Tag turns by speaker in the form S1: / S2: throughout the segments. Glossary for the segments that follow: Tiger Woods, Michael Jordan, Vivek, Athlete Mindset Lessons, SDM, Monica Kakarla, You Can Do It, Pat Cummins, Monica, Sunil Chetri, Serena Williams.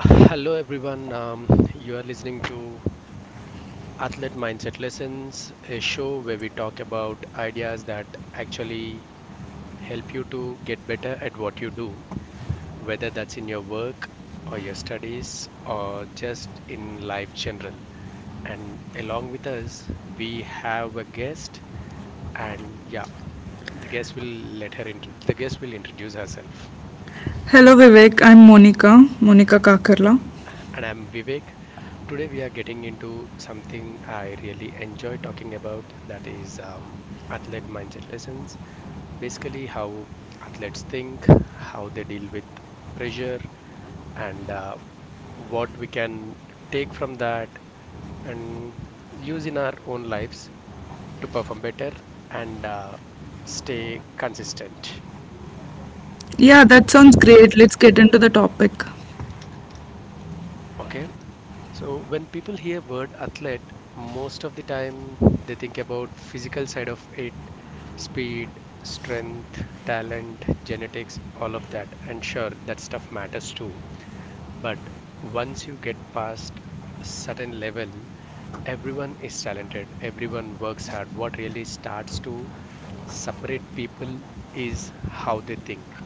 S1: Hello, everyone. You are listening to Athlete Mindset Lessons, a show where we talk about ideas that actually help you to get better at what you do, whether that's in your work or your studies or just in life general. And along with us, we have a guest, and yeah, the guest will the guest will introduce herself.
S2: Hello, Vivek. I'm Monica, Monica Kakarla.
S1: And I'm Vivek. Today we are getting into something I really enjoy talking about, that is, athlete mindset lessons. Basically, how athletes think, how they deal with pressure, and what we can take from that and use in our own lives to perform better and stay consistent.
S2: Yeah, that sounds great. Let's get into the topic.
S1: Okay, so when people hear word athlete, most of the time they think about physical side of it, speed, strength, talent, genetics, all of that. And sure, that stuff matters too. But once you get past certain level, everyone is talented, everyone works hard. What really starts to separate people is how they think,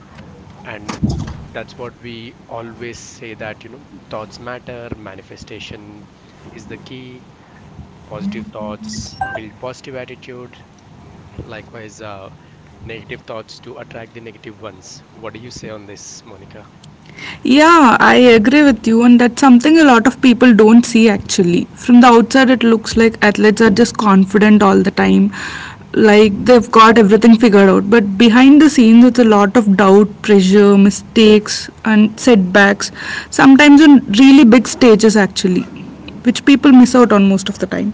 S1: and that's what we always say, that, you know, thoughts matter. Manifestation is the key. Positive thoughts build positive attitude. Likewise, negative thoughts do attract the negative ones. What do you say on this, Monica?
S2: Yeah, I agree with you, and that's something a lot of people don't see actually. From the outside, it looks like athletes are just confident all the time, like they've got everything figured out. But behind the scenes, it's a lot of doubt, pressure, mistakes, and setbacks, sometimes on really big stages actually, which people miss out on most of the time.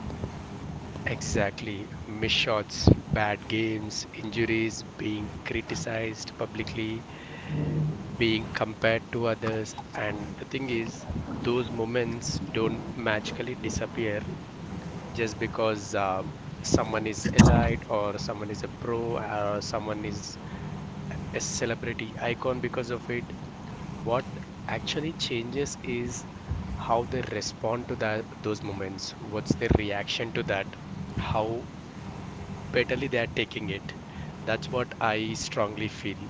S1: Exactly. Missed shots, bad games, injuries, being criticized publicly, being compared to others. And the thing is, those moments don't magically disappear just because someone is elite or someone is a pro or someone is a celebrity icon because of it. What actually changes is how they respond to that those moments. What's their reaction to that? How betterly they are taking it? That's what I strongly feel.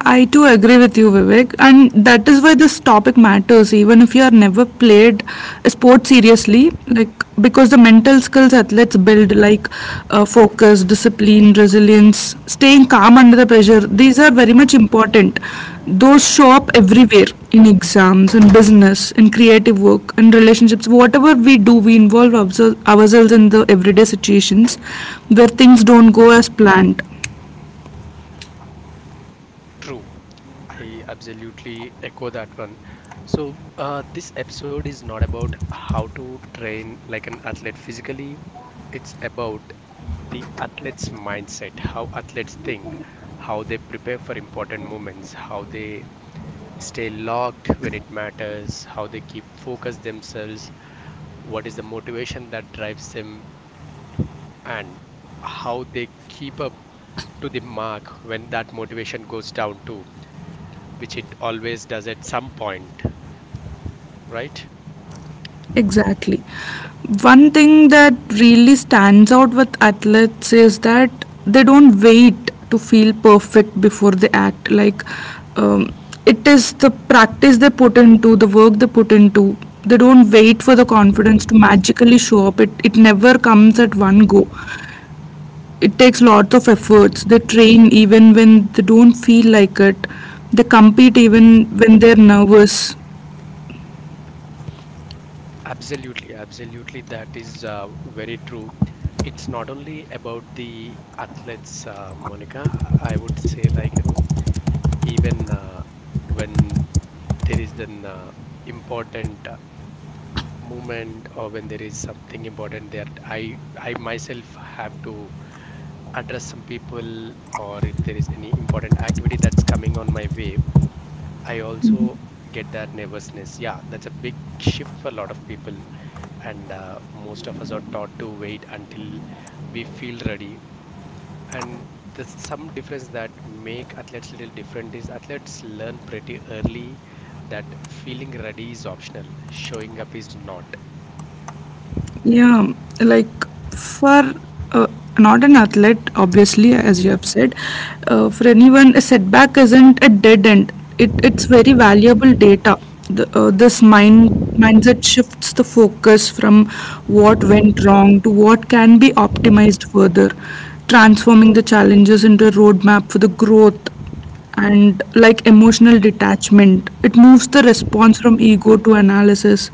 S2: I too agree with you, Vivek, and that is why this topic matters. Even if you are never played sports seriously, like because the mental skills athletes build, like focus, discipline, resilience, staying calm under the pressure, these are very much important. Those show up everywhere in exams, in business, in creative work, in relationships. Whatever we do, we involve ourselves in the everyday situations where things don't go as planned.
S1: True. I absolutely echo that one. So, this episode is not about how to train like an athlete physically, it's about the athlete's mindset, how athletes think, how they prepare for important moments, how they stay logged when it matters, how they keep focus themselves, what is the motivation that drives them, and how they keep up to the mark when that motivation goes down too, which it always does at some point, right?
S2: Exactly. One thing that really stands out with athletes is that they don't wait to feel perfect before they act. Like, um, it is the practice they put into, the work they put into. They don't wait for the confidence to magically show up. It never comes at one go. It takes lots of efforts. They train even when they don't feel like it. They compete even when they're nervous.
S1: Absolutely, absolutely. That is very true. It's not only about the athletes, Monica. I would say, like, you know, even when there is an important movement, or when there is something important that I myself have to address some people, or if there is any important activity that's coming on my way, I also get that nervousness. Yeah, that's a big shift for a lot of people. And most of us are taught to wait until we feel ready. And the some difference that make athletes little different is athletes learn pretty early that feeling ready is optional, showing up is not.
S2: Yeah, like for uh, not an athlete, obviously, as you have said, for anyone, a setback isn't a dead end. It's very valuable data. This mindset shifts the focus from what went wrong to what can be optimized further, transforming the challenges into a roadmap for the growth and like emotional
S1: Yes.
S2: detachment. It moves the response from ego to analysis.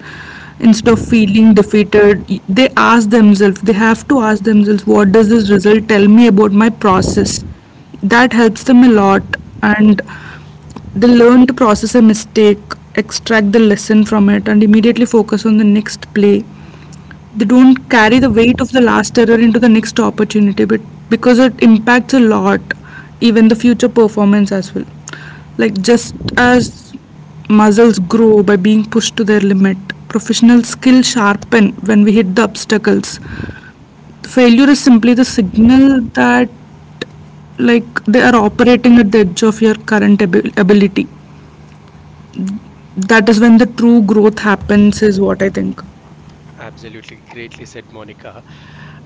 S2: Instead of feeling defeated, they have to ask themselves, what does this result tell me about my process? That helps them a lot, and they learn to process a mistake, extract the lesson from it, and immediately focus on the next play. They don't carry the weight of the last error into the next opportunity, but because it impacts a lot, even the future performance as well. Like just as muscles grow by being pushed to their limit, professional skills sharpen when we hit the obstacles. Failure is simply the signal that like they are operating at the edge of your current ability. That is when the true growth happens is what I think.
S1: Absolutely, greatly said, Monica.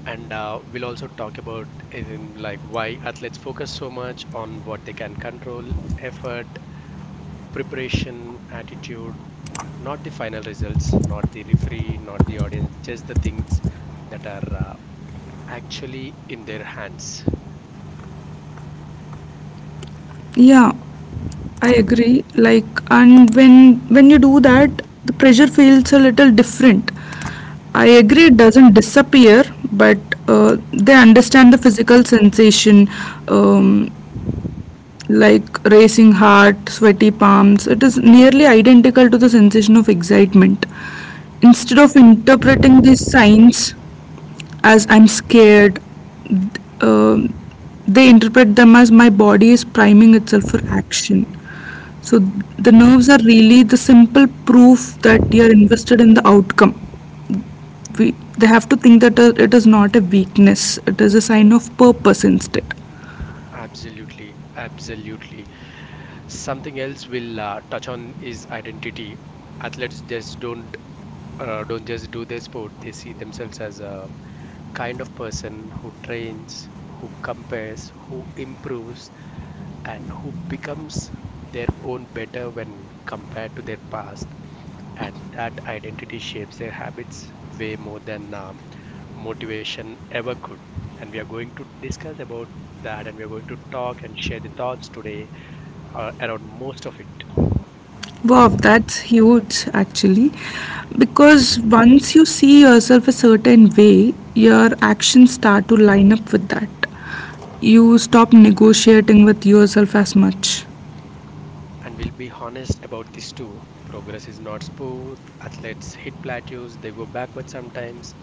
S1: And we'll also talk about, in like why athletes focus so much on what they can control, effort, preparation, attitude, not the final results, not the referee, not the audience, just the things that are actually in their hands.
S2: Yeah, I agree. Like, and when you do that, the pressure feels a little different. I agree it doesn't disappear, but they understand the physical sensation um, like racing heart, sweaty palms. It is nearly identical to the sensation of excitement. Instead of interpreting these signs as I'm scared, um, they interpret them as my body is priming itself for action. So the nerves are really the simple proof that you're invested in the outcome. They have to think that it is not a weakness, it is a sign of purpose instead.
S1: Absolutely, absolutely. Something else we'll touch on is identity. Athletes just don't— don't just do their sport; they see themselves as a kind of person who trains, who compares, who improves, and who becomes their own better when compared to their past, and that identity shapes their habits way more than motivation ever could. And we are going to discuss about that, and we are going to talk and share the thoughts today around most of it.
S2: Wow, that's huge actually. Because once you see yourself a certain way, your actions start to line up with that. You stop negotiating with yourself as much.
S1: And we'll be honest about this too. Progress is not smooth. Athletes hit plateaus, they go backward sometimes,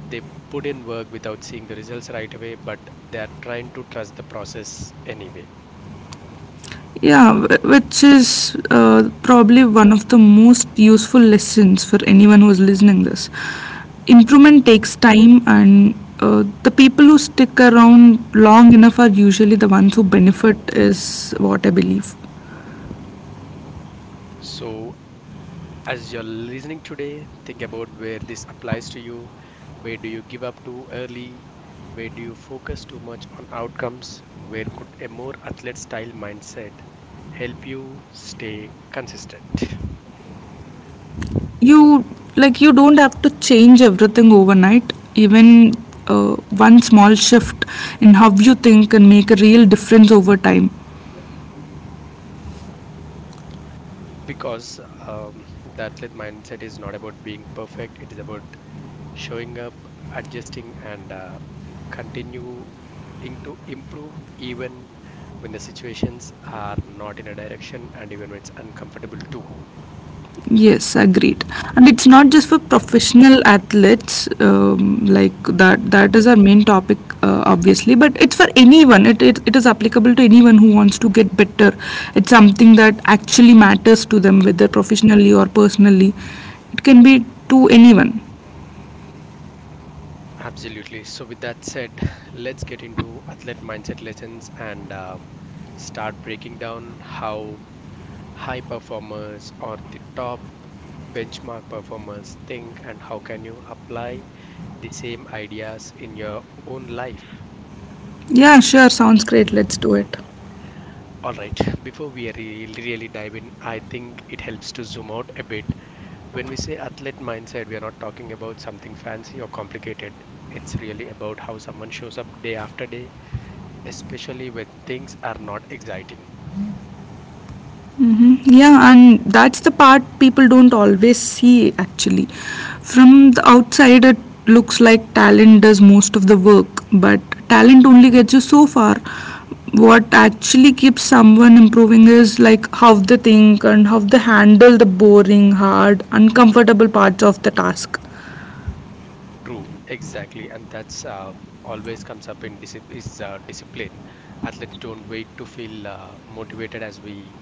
S1: they put in work without seeing the results right away, but they are trying to trust the process anyway.
S2: Yeah, which is probably one of the most useful lessons for anyone who is listening this. Improvement takes time, and the people who stick around long enough are usually the ones who benefit is what I believe.
S1: So, as you're listening today, think about where this applies to you. Where do you give up too early? Where do you focus too much on outcomes? Where could a more athlete style mindset help you stay consistent?
S2: You, like you don't have to change everything overnight, even uh, one small shift in how you think can make a real difference over time.
S1: Because the athlete mindset is not about being perfect, it is about showing up, adjusting, and continuing to improve, even when the situations are not in a direction, and even when it's uncomfortable too.
S2: Yes, agreed. And it's not just for professional athletes, like that. That is our main topic, obviously. But it's for anyone. It is applicable to anyone who wants to get better. It's something that actually matters to them, whether professionally or personally. It can be to anyone.
S1: Absolutely. So, with that said, let's get into athlete mindset lessons and start breaking down how high performers or the top benchmark performers think and how can you apply the same ideas in your own life.
S2: Yeah, sure. Sounds great. Let's do it.
S1: All right, before we really dive in, I think it helps to zoom out a bit. When we say athlete mindset, we are not talking about something fancy or complicated. It's really about how someone shows up day after day, especially when things are not exciting.
S2: Hmm. Yeah, and that's the part people don't always see actually. From the outside, it looks like talent does most of the work, but talent only gets you so far. What actually keeps someone improving is like how they think and how they handle the boring, hard, uncomfortable parts of the task.
S1: True, exactly, and that's always comes up in disip- is discipline. Athletes don't wait to feel motivated, as we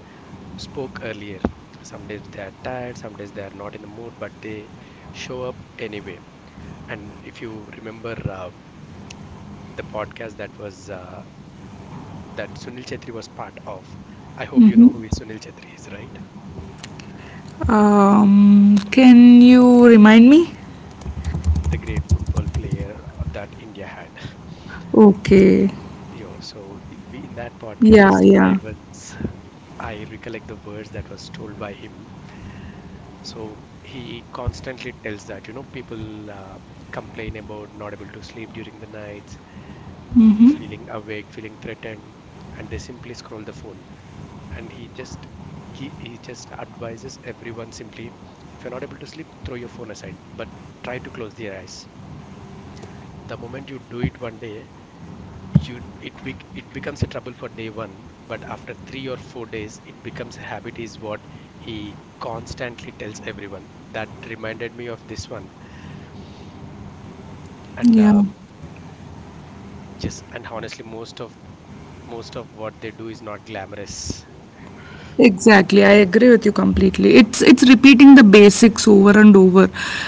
S1: spoke earlier. Some days they are tired, some days they are not in the mood, but they show up anyway. And if you remember the podcast that Sunil Chetri was part of. I hope you know who is Sunil Chetri is, right?
S2: Can you remind me?
S1: The great football player that India had.
S2: Okay.
S1: Yo, so we, in that
S2: Yeah,
S1: podcast,
S2: yeah,
S1: I was— I recollect the words that was told by him. So he constantly tells that, you know, people complain about not able to sleep during the nights, feeling awake, feeling threatened, and they simply scroll the phone. And he just— he just advises everyone simply, if you're not able to sleep, throw your phone aside, but try to close their eyes. The moment you do it one day, you— it becomes a trouble for day one, but after 3 or 4 days, it becomes a habit, is what he constantly tells everyone. That reminded me of this one, and
S2: yeah.
S1: just and honestly, most of what they do is not glamorous.
S2: Exactly, I agree with you completely. It's repeating the basics over and over.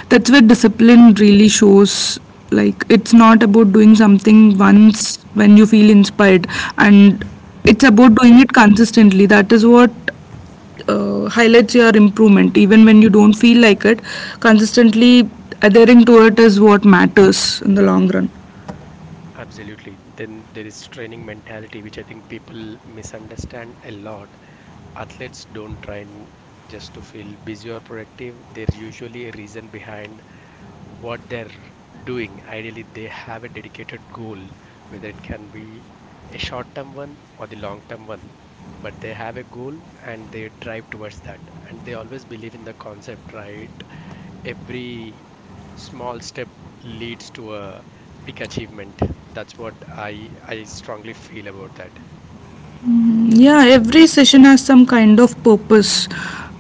S2: That's where discipline really shows. Like it's not about doing something once when you feel inspired, and it's about doing it consistently. That is what highlights your improvement, even when you don't feel like it. Consistently adhering to it is what matters in the long run.
S1: Absolutely. Then there is training mentality, which I think people misunderstand a lot. Athletes don't train just to feel busy or productive. There's usually a reason behind what they're doing. Ideally, they have a dedicated goal, whether it can be a short term one or the long term one, but they have a goal and they drive towards that. And they always believe in the concept, right? Every small step leads to a big achievement. That's what I strongly feel about that.
S2: Yeah, every session has some kind of purpose.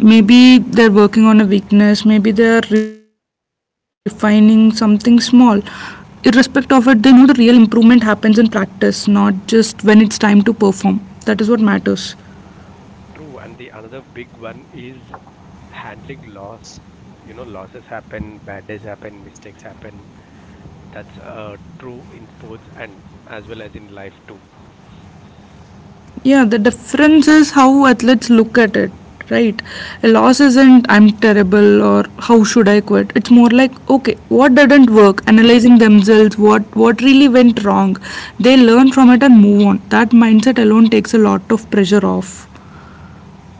S2: Maybe they're working on a weakness, maybe they're refining something small. Irrespective of it, they know the real improvement happens in practice, not just when it's time to perform. That is what matters.
S1: True. And the another big one is handling loss. You know, losses happen, bad days happen, mistakes happen. That's true in sports and as well as in life too.
S2: Yeah, the difference is how athletes look at it, right? A loss isn't I'm terrible or how should I quit. It's more like okay, what didn't work, analyzing themselves, what really went wrong. They learn from it and move on. That mindset alone takes a lot of pressure off.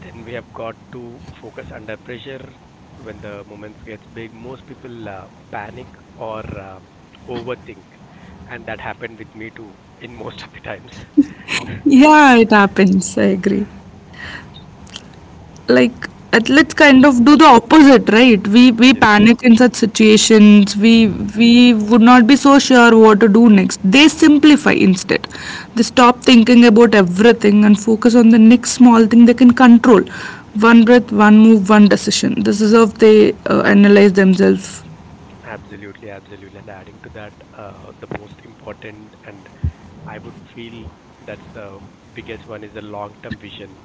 S1: Then we have got to focus under pressure, when the moments gets big. Most people panic or overthink, and that happened with me too in most of the times.
S2: Yeah, it happens. I agree. Like, at, let's kind of do the opposite, right? We
S1: Yes,
S2: panic in such situations. We would not be so sure what to do next. They simplify instead. They stop thinking about everything and focus on the next small thing they can control. One breath, one move, one decision. This is how they analyze themselves.
S1: absolutely, absolutely. And adding to that, the most important, and I would feel that's the biggest one, is the long term vision.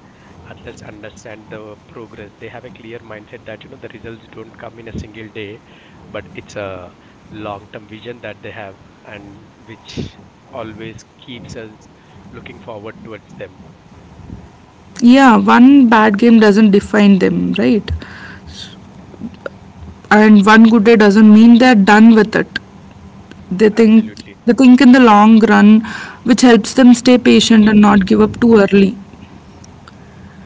S1: At least understand the progress. They have a clear mindset that, you know, the results don't come in a single day, but it's a long term vision that they have, and which always keeps us looking forward towards them.
S2: Yeah, one bad game doesn't define them, right? And one good day doesn't mean they're done with it. They think
S1: Absolutely.
S2: they think in the long run, which helps them stay patient and not give up too early.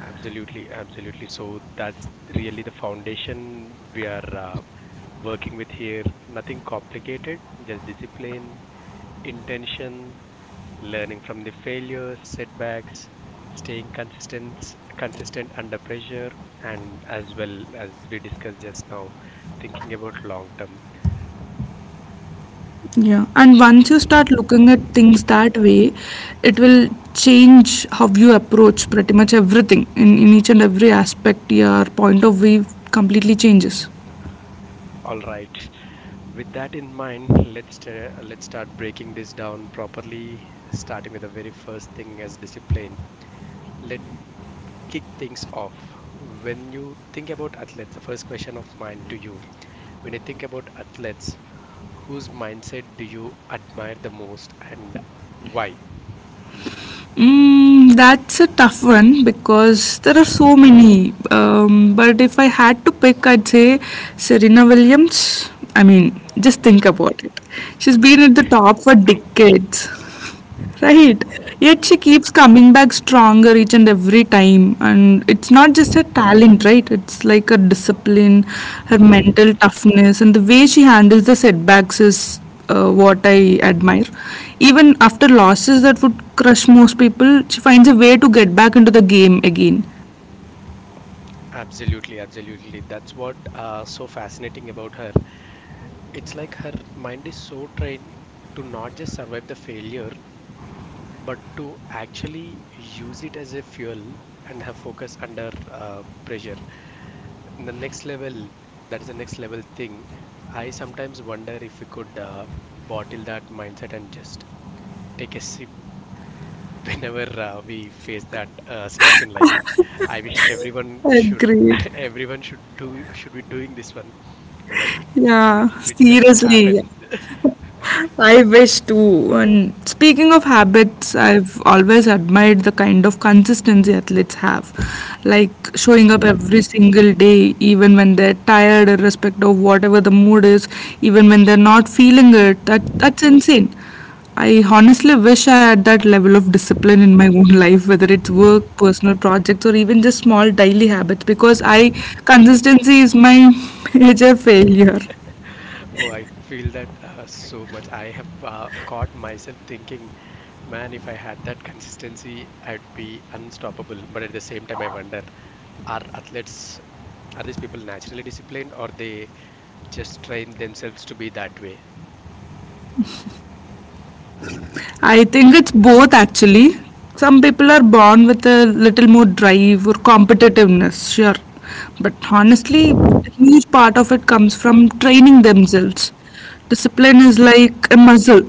S1: Absolutely, absolutely. So that's really the foundation we are working with here. Nothing complicated, just discipline, intention, learning from the failures, setbacks, staying consistent under pressure, and as well as we discussed just now, thinking about long term.
S2: Yeah. And once you start looking at things that way, it will change how you approach pretty much everything, in each and every aspect. Your point of view completely changes.
S1: All right, with that in mind, let's start breaking this down properly, starting with the very first thing as discipline. Let kick things off. When you think about athletes the first question of mine to you When you think about athletes, whose mindset do you admire the most, and why?
S2: Mm, that's a tough one because there are so many. But if I had to pick, I'd say Serena Williams. I mean, just think about it. She's been at the top for
S1: True.
S2: decades. Right. Yet
S1: Yes.
S2: she keeps coming back stronger each and every time. And it's not just her talent, right? It's like her discipline, her mental toughness, and the way she handles the setbacks is what I admire. Even after losses that would crush most people, she finds a way to get back into the game again.
S1: Absolutely. Absolutely. That's what so fascinating about her. It's like her mind is so trained to not just survive the failure, but to actually use it as a fuel and have focus under pressure. And the next level, that is the next level thing. I sometimes wonder if we could bottle that mindset and just take a sip whenever we face that stress in life. I wish everyone should—
S2: Agreed.
S1: everyone should do— should be doing this one. But
S2: Yeah,
S1: which doesn't happen.
S2: seriously. I wish too. And speaking of habits, I've always admired the kind of consistency athletes have, like showing up every single day, even when they're tired, irrespective of whatever the mood is, even when they're not feeling it. That that's insane. I honestly wish I had that level of discipline in my own life, whether it's work, personal projects, or even just small daily habits, because I consistency is my major failure.
S1: Oh, I feel that so much. I have caught myself thinking, man, if I had that consistency, I'd be unstoppable. But at the same time, I wonder, are athletes are these people naturally disciplined, or they just train themselves to be that way?
S2: I think it's both actually. Some people are born with a little more drive or competitiveness, sure. But honestly, a huge part of it comes from training themselves. Discipline
S1: Just
S2: is like a muscle.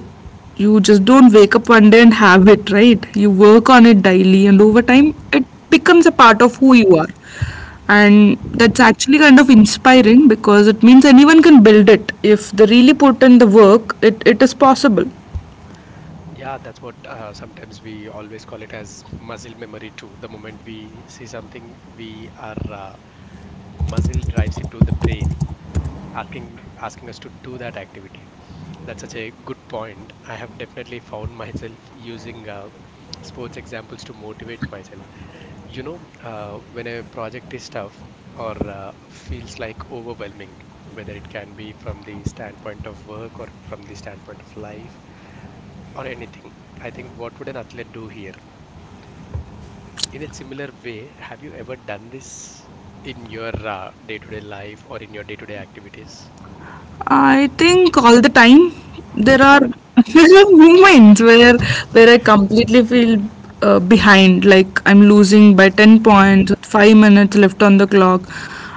S2: You just don't wake up one day and have it, right? You work on it daily, and over time, it becomes a part of who you are. And that's actually kind of inspiring because it means anyone can build it. If they really put in the work, it is possible.
S1: Yeah, that's what sometimes we always call it as muscle memory too. The moment we see something, we our muscle drives it to the brain, asking us to do that activity. That's such a good point. I have definitely found myself using sports examples to motivate myself. You know, when a project is tough or feels like overwhelming, whether it can be from the standpoint of work or from the standpoint of life or anything. I think what would an athlete do here? In a similar way, have you ever done this in your day-to-day life or in your day-to-day activities?
S2: I think all the time there are there are moments where I completely feel behind, like I'm losing by ten points, 5 minutes left on the clock,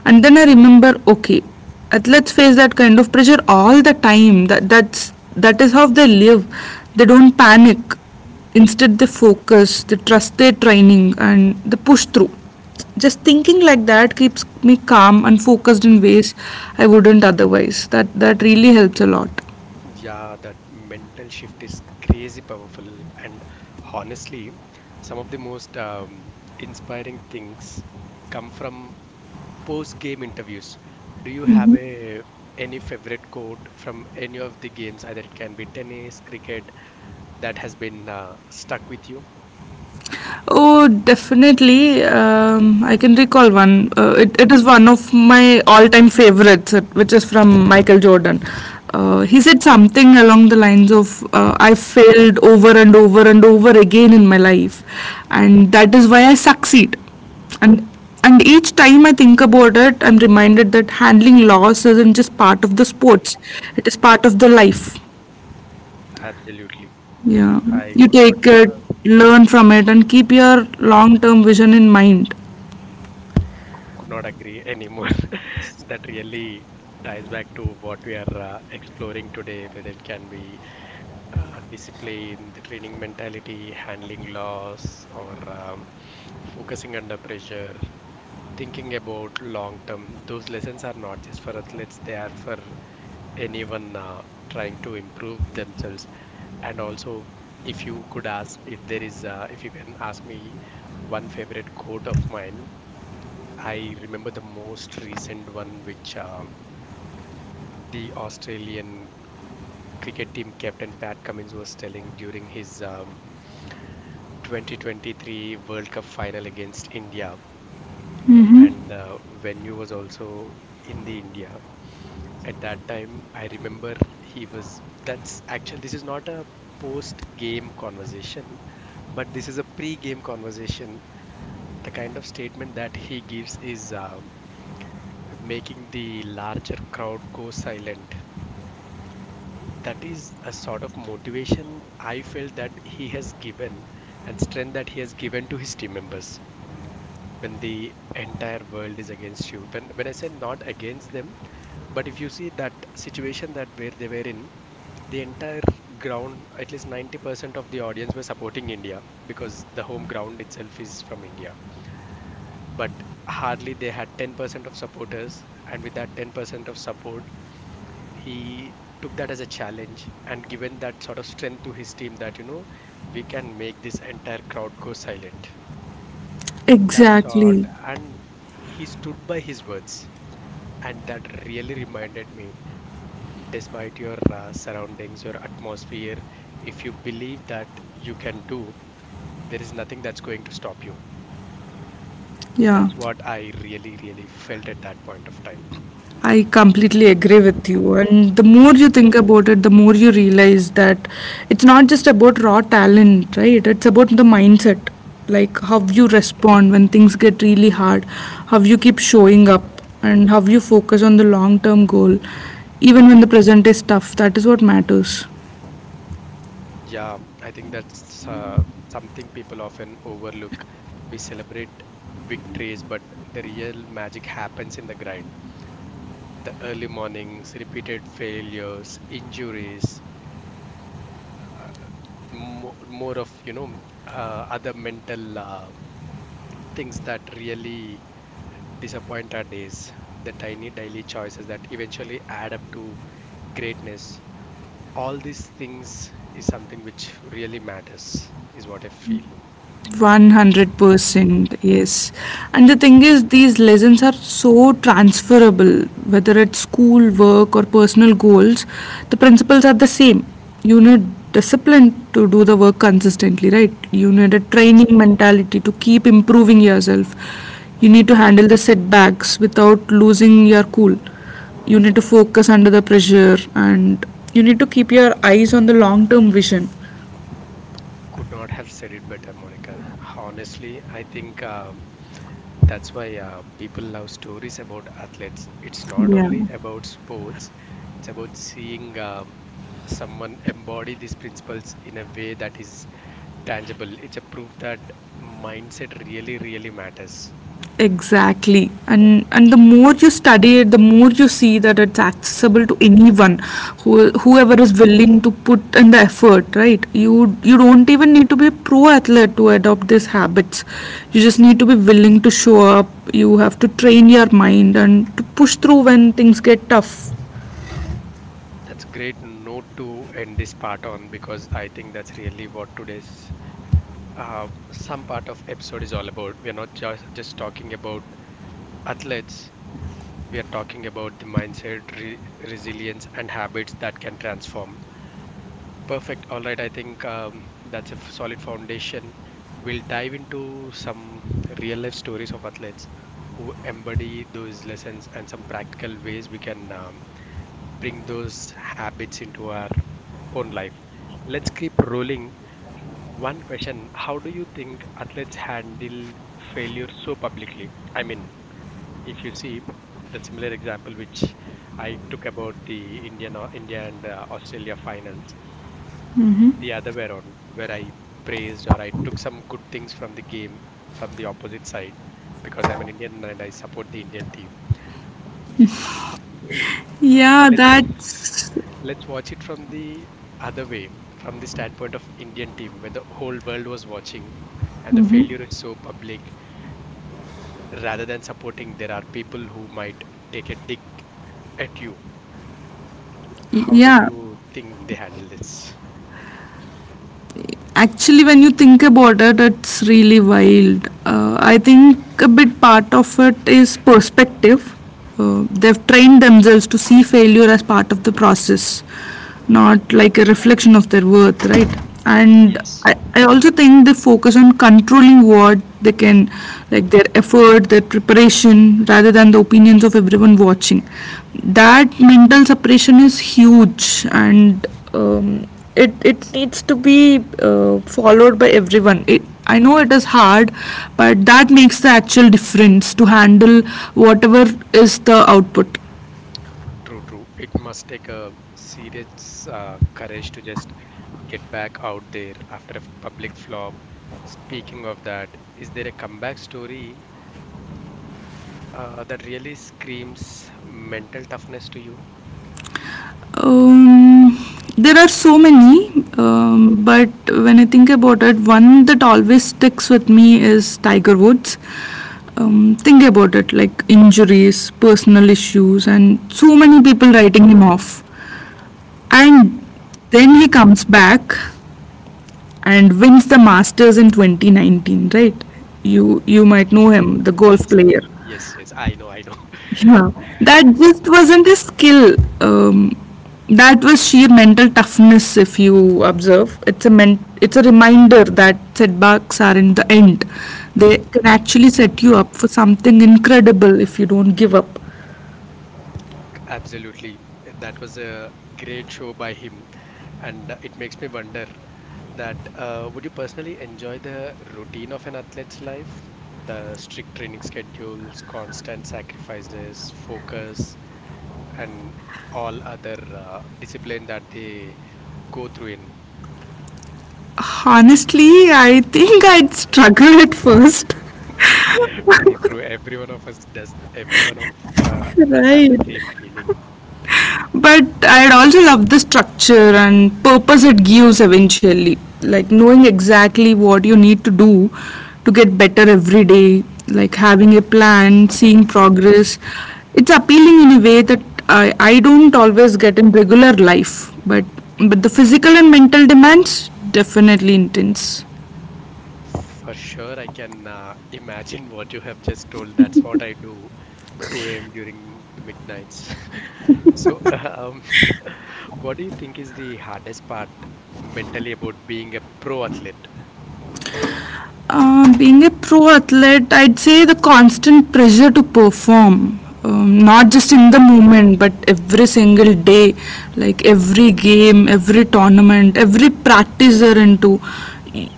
S2: and then I remember, okay, athletes face that kind of pressure all the time. That is how they live. They don't panic. Instead, they focus, they trust their training, and they push through. Just thinking like that keeps me calm and focused in ways I wouldn't otherwise. That that really helps a lot.
S1: Yeah, that mental shift is crazy powerful. And honestly, some of the most inspiring things come from post-game interviews. Do you have a any favorite quote from any of the games, either it can be tennis, cricket, that has been stuck with you?
S2: Oh, definitely. I can recall one. It is one of my all time favorites, which is from Michael Jordan.
S1: Okay,
S2: He said something along the lines of, I failed over and over and over again in my life, and that is why I succeed. And and each time I think about it, I'm reminded that handling loss isn't just part of the sports, it is part of the life.
S1: absolutely.
S2: Yeah,
S1: I
S2: you
S1: could not
S2: take it,
S1: uh,
S2: learn from it, and keep your long term vision in mind.
S1: agree anymore. That really ties back to what we are exploring today, whether it can be discipline, the training mentality, handling loss, or focusing under pressure, thinking about long term. Those lessons are not just for athletes, they are for anyone trying to improve themselves. And also, if you could ask, if there is, if you can ask me one favorite quote of mine, I remember the most recent one, which the Australian cricket team captain Pat Cummins was telling during his 2023 World Cup final against India. And the venue was also in the India. At that time, I remember he was. That's actually, this is not a post game conversation, but this is a pre game conversation. The kind of statement that he gives is making the larger crowd go silent, that is a sort of motivation I felt that he has given, and strength that he has given to his team members when the entire world is against you. When I say not against them, but if you see that situation that where they were in, the entire ground, at least 90% of the audience were supporting India because the home ground itself is from India. But hardly they had 10% of supporters, and with that 10% of support, he took that as a challenge and given that sort of strength to his team that you know we can make this entire crowd go silent, that sort,
S2: Exactly.
S1: and he stood by his words, and that really reminded me despite your surroundings, your atmosphere, if you believe that you can do, there is nothing that's going to stop you.
S2: Yeah,
S1: That's what I really really felt at that point of time.
S2: I completely agree with you. And the more you think about it, the more you realize that it's not just about raw talent, right? It's about the mindset, like how you respond when things get really hard, how you keep showing up, and how you focus on the long term goal, even when the present is tough. That is what matters.
S1: Yeah, I think that's something people often overlook. We celebrate victories, but the real magic happens in the grind. The early mornings, repeated failures, injuries, more of other mental things that really disappoint our days. The tiny daily choices that eventually add up to greatness. All these things is something which really matters, is what I feel.
S2: 100%, yes. And the thing is, these lessons are so transferable, whether it's school, work, or personal goals, the principles are the same. You need discipline to do the work consistently, right? You need a
S1: Yes.
S2: training mentality to keep improving yourself. You need to handle the setbacks without losing your cool. You need to focus under the pressure and you need to keep your eyes on the long term vision.
S1: Could not have said it better, Monica. Honestly, I think that's why people love stories about athletes. It's not
S2: Yeah.
S1: only about sports, it's about seeing someone embody these principles in a way that is tangible. It's a proof that mindset really, really matters.
S2: Exactly. And the more you study it, the more you see that it's accessible to anyone whoever is willing to put in the effort, right? You don't even need to be a pro athlete to adopt these habits. You just need to be willing to show up. You have to train your mind and to push through when things get tough.
S1: That's great note to end this part on because I think that's really what today's uh, some part of episode is all about. We're not just talking about athletes. We are talking about the mindset, resilience, and habits that can transform. Perfect. All right. I think that's a solid foundation. We'll dive into some real life stories of athletes who embody those lessons and some practical ways we can bring those habits into our own life. Let's keep rolling. One question: how do you think athletes handle failure so publicly? I mean, if you see the similar example which I took about the Indian India and Australia finals the other way around, where I praised or I took some good things from the game from the opposite side because I'm an Indian and I support the Indian team.
S2: Yeah,
S1: Let's
S2: that's
S1: let's watch it from the other way, from the standpoint of Indian team when the whole world was watching and the failure is so public, rather than supporting there are people who might take a dig at you. How do
S2: yeah.
S1: you think they handle this?
S2: Actually, when you think about it, it's really wild. I think a bit part of it is perspective. They've trained themselves to see failure as part of the process, not like a reflection of their worth, right? And i
S1: Yes.
S2: I, I also think they focus on controlling what they can, like their effort, their preparation, rather than the opinions of everyone watching. That mental separation is huge, and um, it needs to be followed by everyone. I know it is hard, but that makes the actual difference to handle whatever is the output.
S1: True, true. It must take a serious courage to just get back out there after a public flop. Speaking of that, is there a comeback story that really screams mental toughness to you?
S2: Um, there are so many. But when I think about it, one that always sticks with me is Tiger Woods. Think about it, like injuries, personal issues, and so many people writing him off. And then he comes back and wins the Masters in 2019, right? You might know him, the golf
S1: Yes.
S2: player.
S1: Yes, yes, I know, I know.
S2: Yeah, that just wasn't a skill. Um, that was sheer mental toughness. If you observe, it's a it's a reminder that setbacks are in the end. They can actually set you up for something incredible if you don't give up.
S1: Absolutely. That was a great show by him. And it makes me wonder that would you personally enjoy the routine of an athlete's life? The strict training schedules, constant sacrifices, focus, and all other discipline that they go through in.
S2: Honestly, I think I'd struggle at first.
S1: True, true. Every one of us does, every one of us have the
S2: Right.
S1: same feeling.
S2: But I'd also love the structure and purpose it gives eventually. Like, knowing exactly what you need to do to get better every day, like having a plan, seeing progress. It's appealing in a way that I don't always get in regular life, but the physical and mental demands definitely intense.
S1: For sure, I can imagine what you have just told. That's what I do 2 a.m. during the midnights. So, what do you think is the hardest part mentally about being a pro athlete?
S2: Being a pro athlete, I'd say the constant pressure to perform, not just in the moment, but every single day, like every game, every tournament, every practice you're into,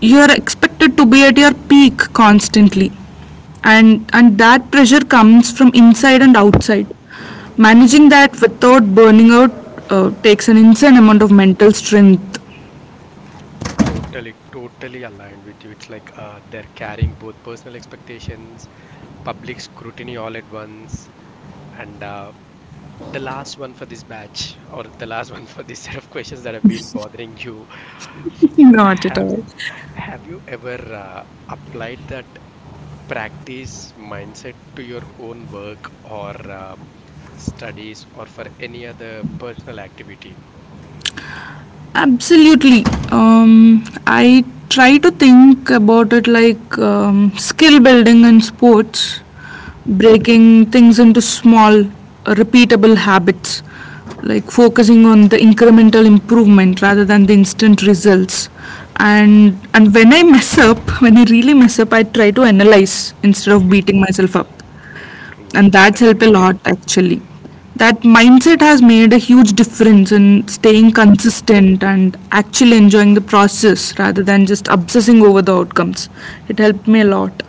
S2: you're expected to be at your peak constantly, and that pressure comes from inside and outside. Managing that without burning out takes an insane amount of mental strength.
S1: Totally, totally aligned with you. It's like they're carrying both personal expectations, public scrutiny all at once, and the last one for this batch, or the last one for this set of questions that have been bothering you.
S2: Not at
S1: Have
S2: all.
S1: have you ever applied that practice mindset to your own work or studies or for any other personal activity.
S2: Absolutely. I try to think about it like skill building in sports, breaking things into small, repeatable habits, like focusing on the incremental improvement rather than the instant results. And when I mess up, when I really mess up, I try to analyze instead of beating myself up,
S1: True.
S2: and that's
S1: That's
S2: helped a
S1: great.
S2: lot actually. That mindset has made a huge difference in staying consistent and actually enjoying the process rather than just obsessing over the outcomes. It helped me a lot.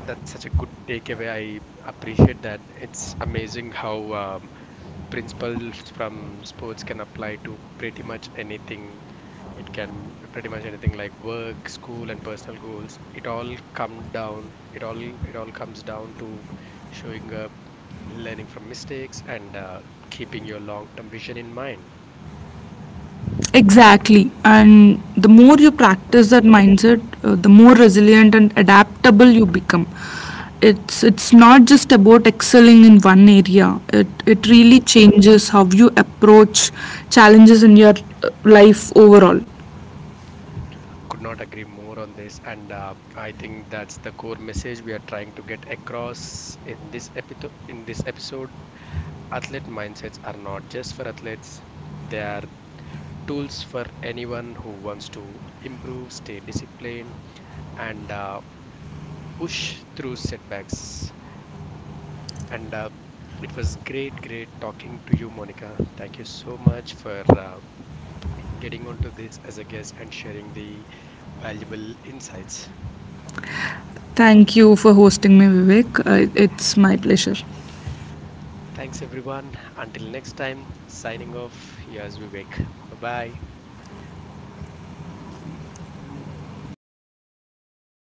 S1: That's such a good takeaway. I appreciate that. It's amazing how principles from sports can apply to pretty much anything. It can pretty much anything like work, school, and personal goals. It all come down. It all comes down to showing up, learning from mistakes and keeping your long term vision in mind.
S2: Exactly. And the more you practice that mindset, the more resilient and adaptable you become. It's not just about excelling in one area, it really changes how you approach challenges in your life overall.
S1: Could not agree more on this. And I think that's the core message we are trying to get across in this, in this episode. Athlete mindsets are not just for athletes, they are tools for anyone who wants to improve, stay disciplined, and push through setbacks. And it was great, great talking to you, Monica. Thank you so much for getting onto this as a guest and sharing the valuable insights.
S2: Thank you for hosting me, Vivek. It's my pleasure.
S1: Thanks, everyone. Until next time, signing off. Here's Vivek. Bye bye.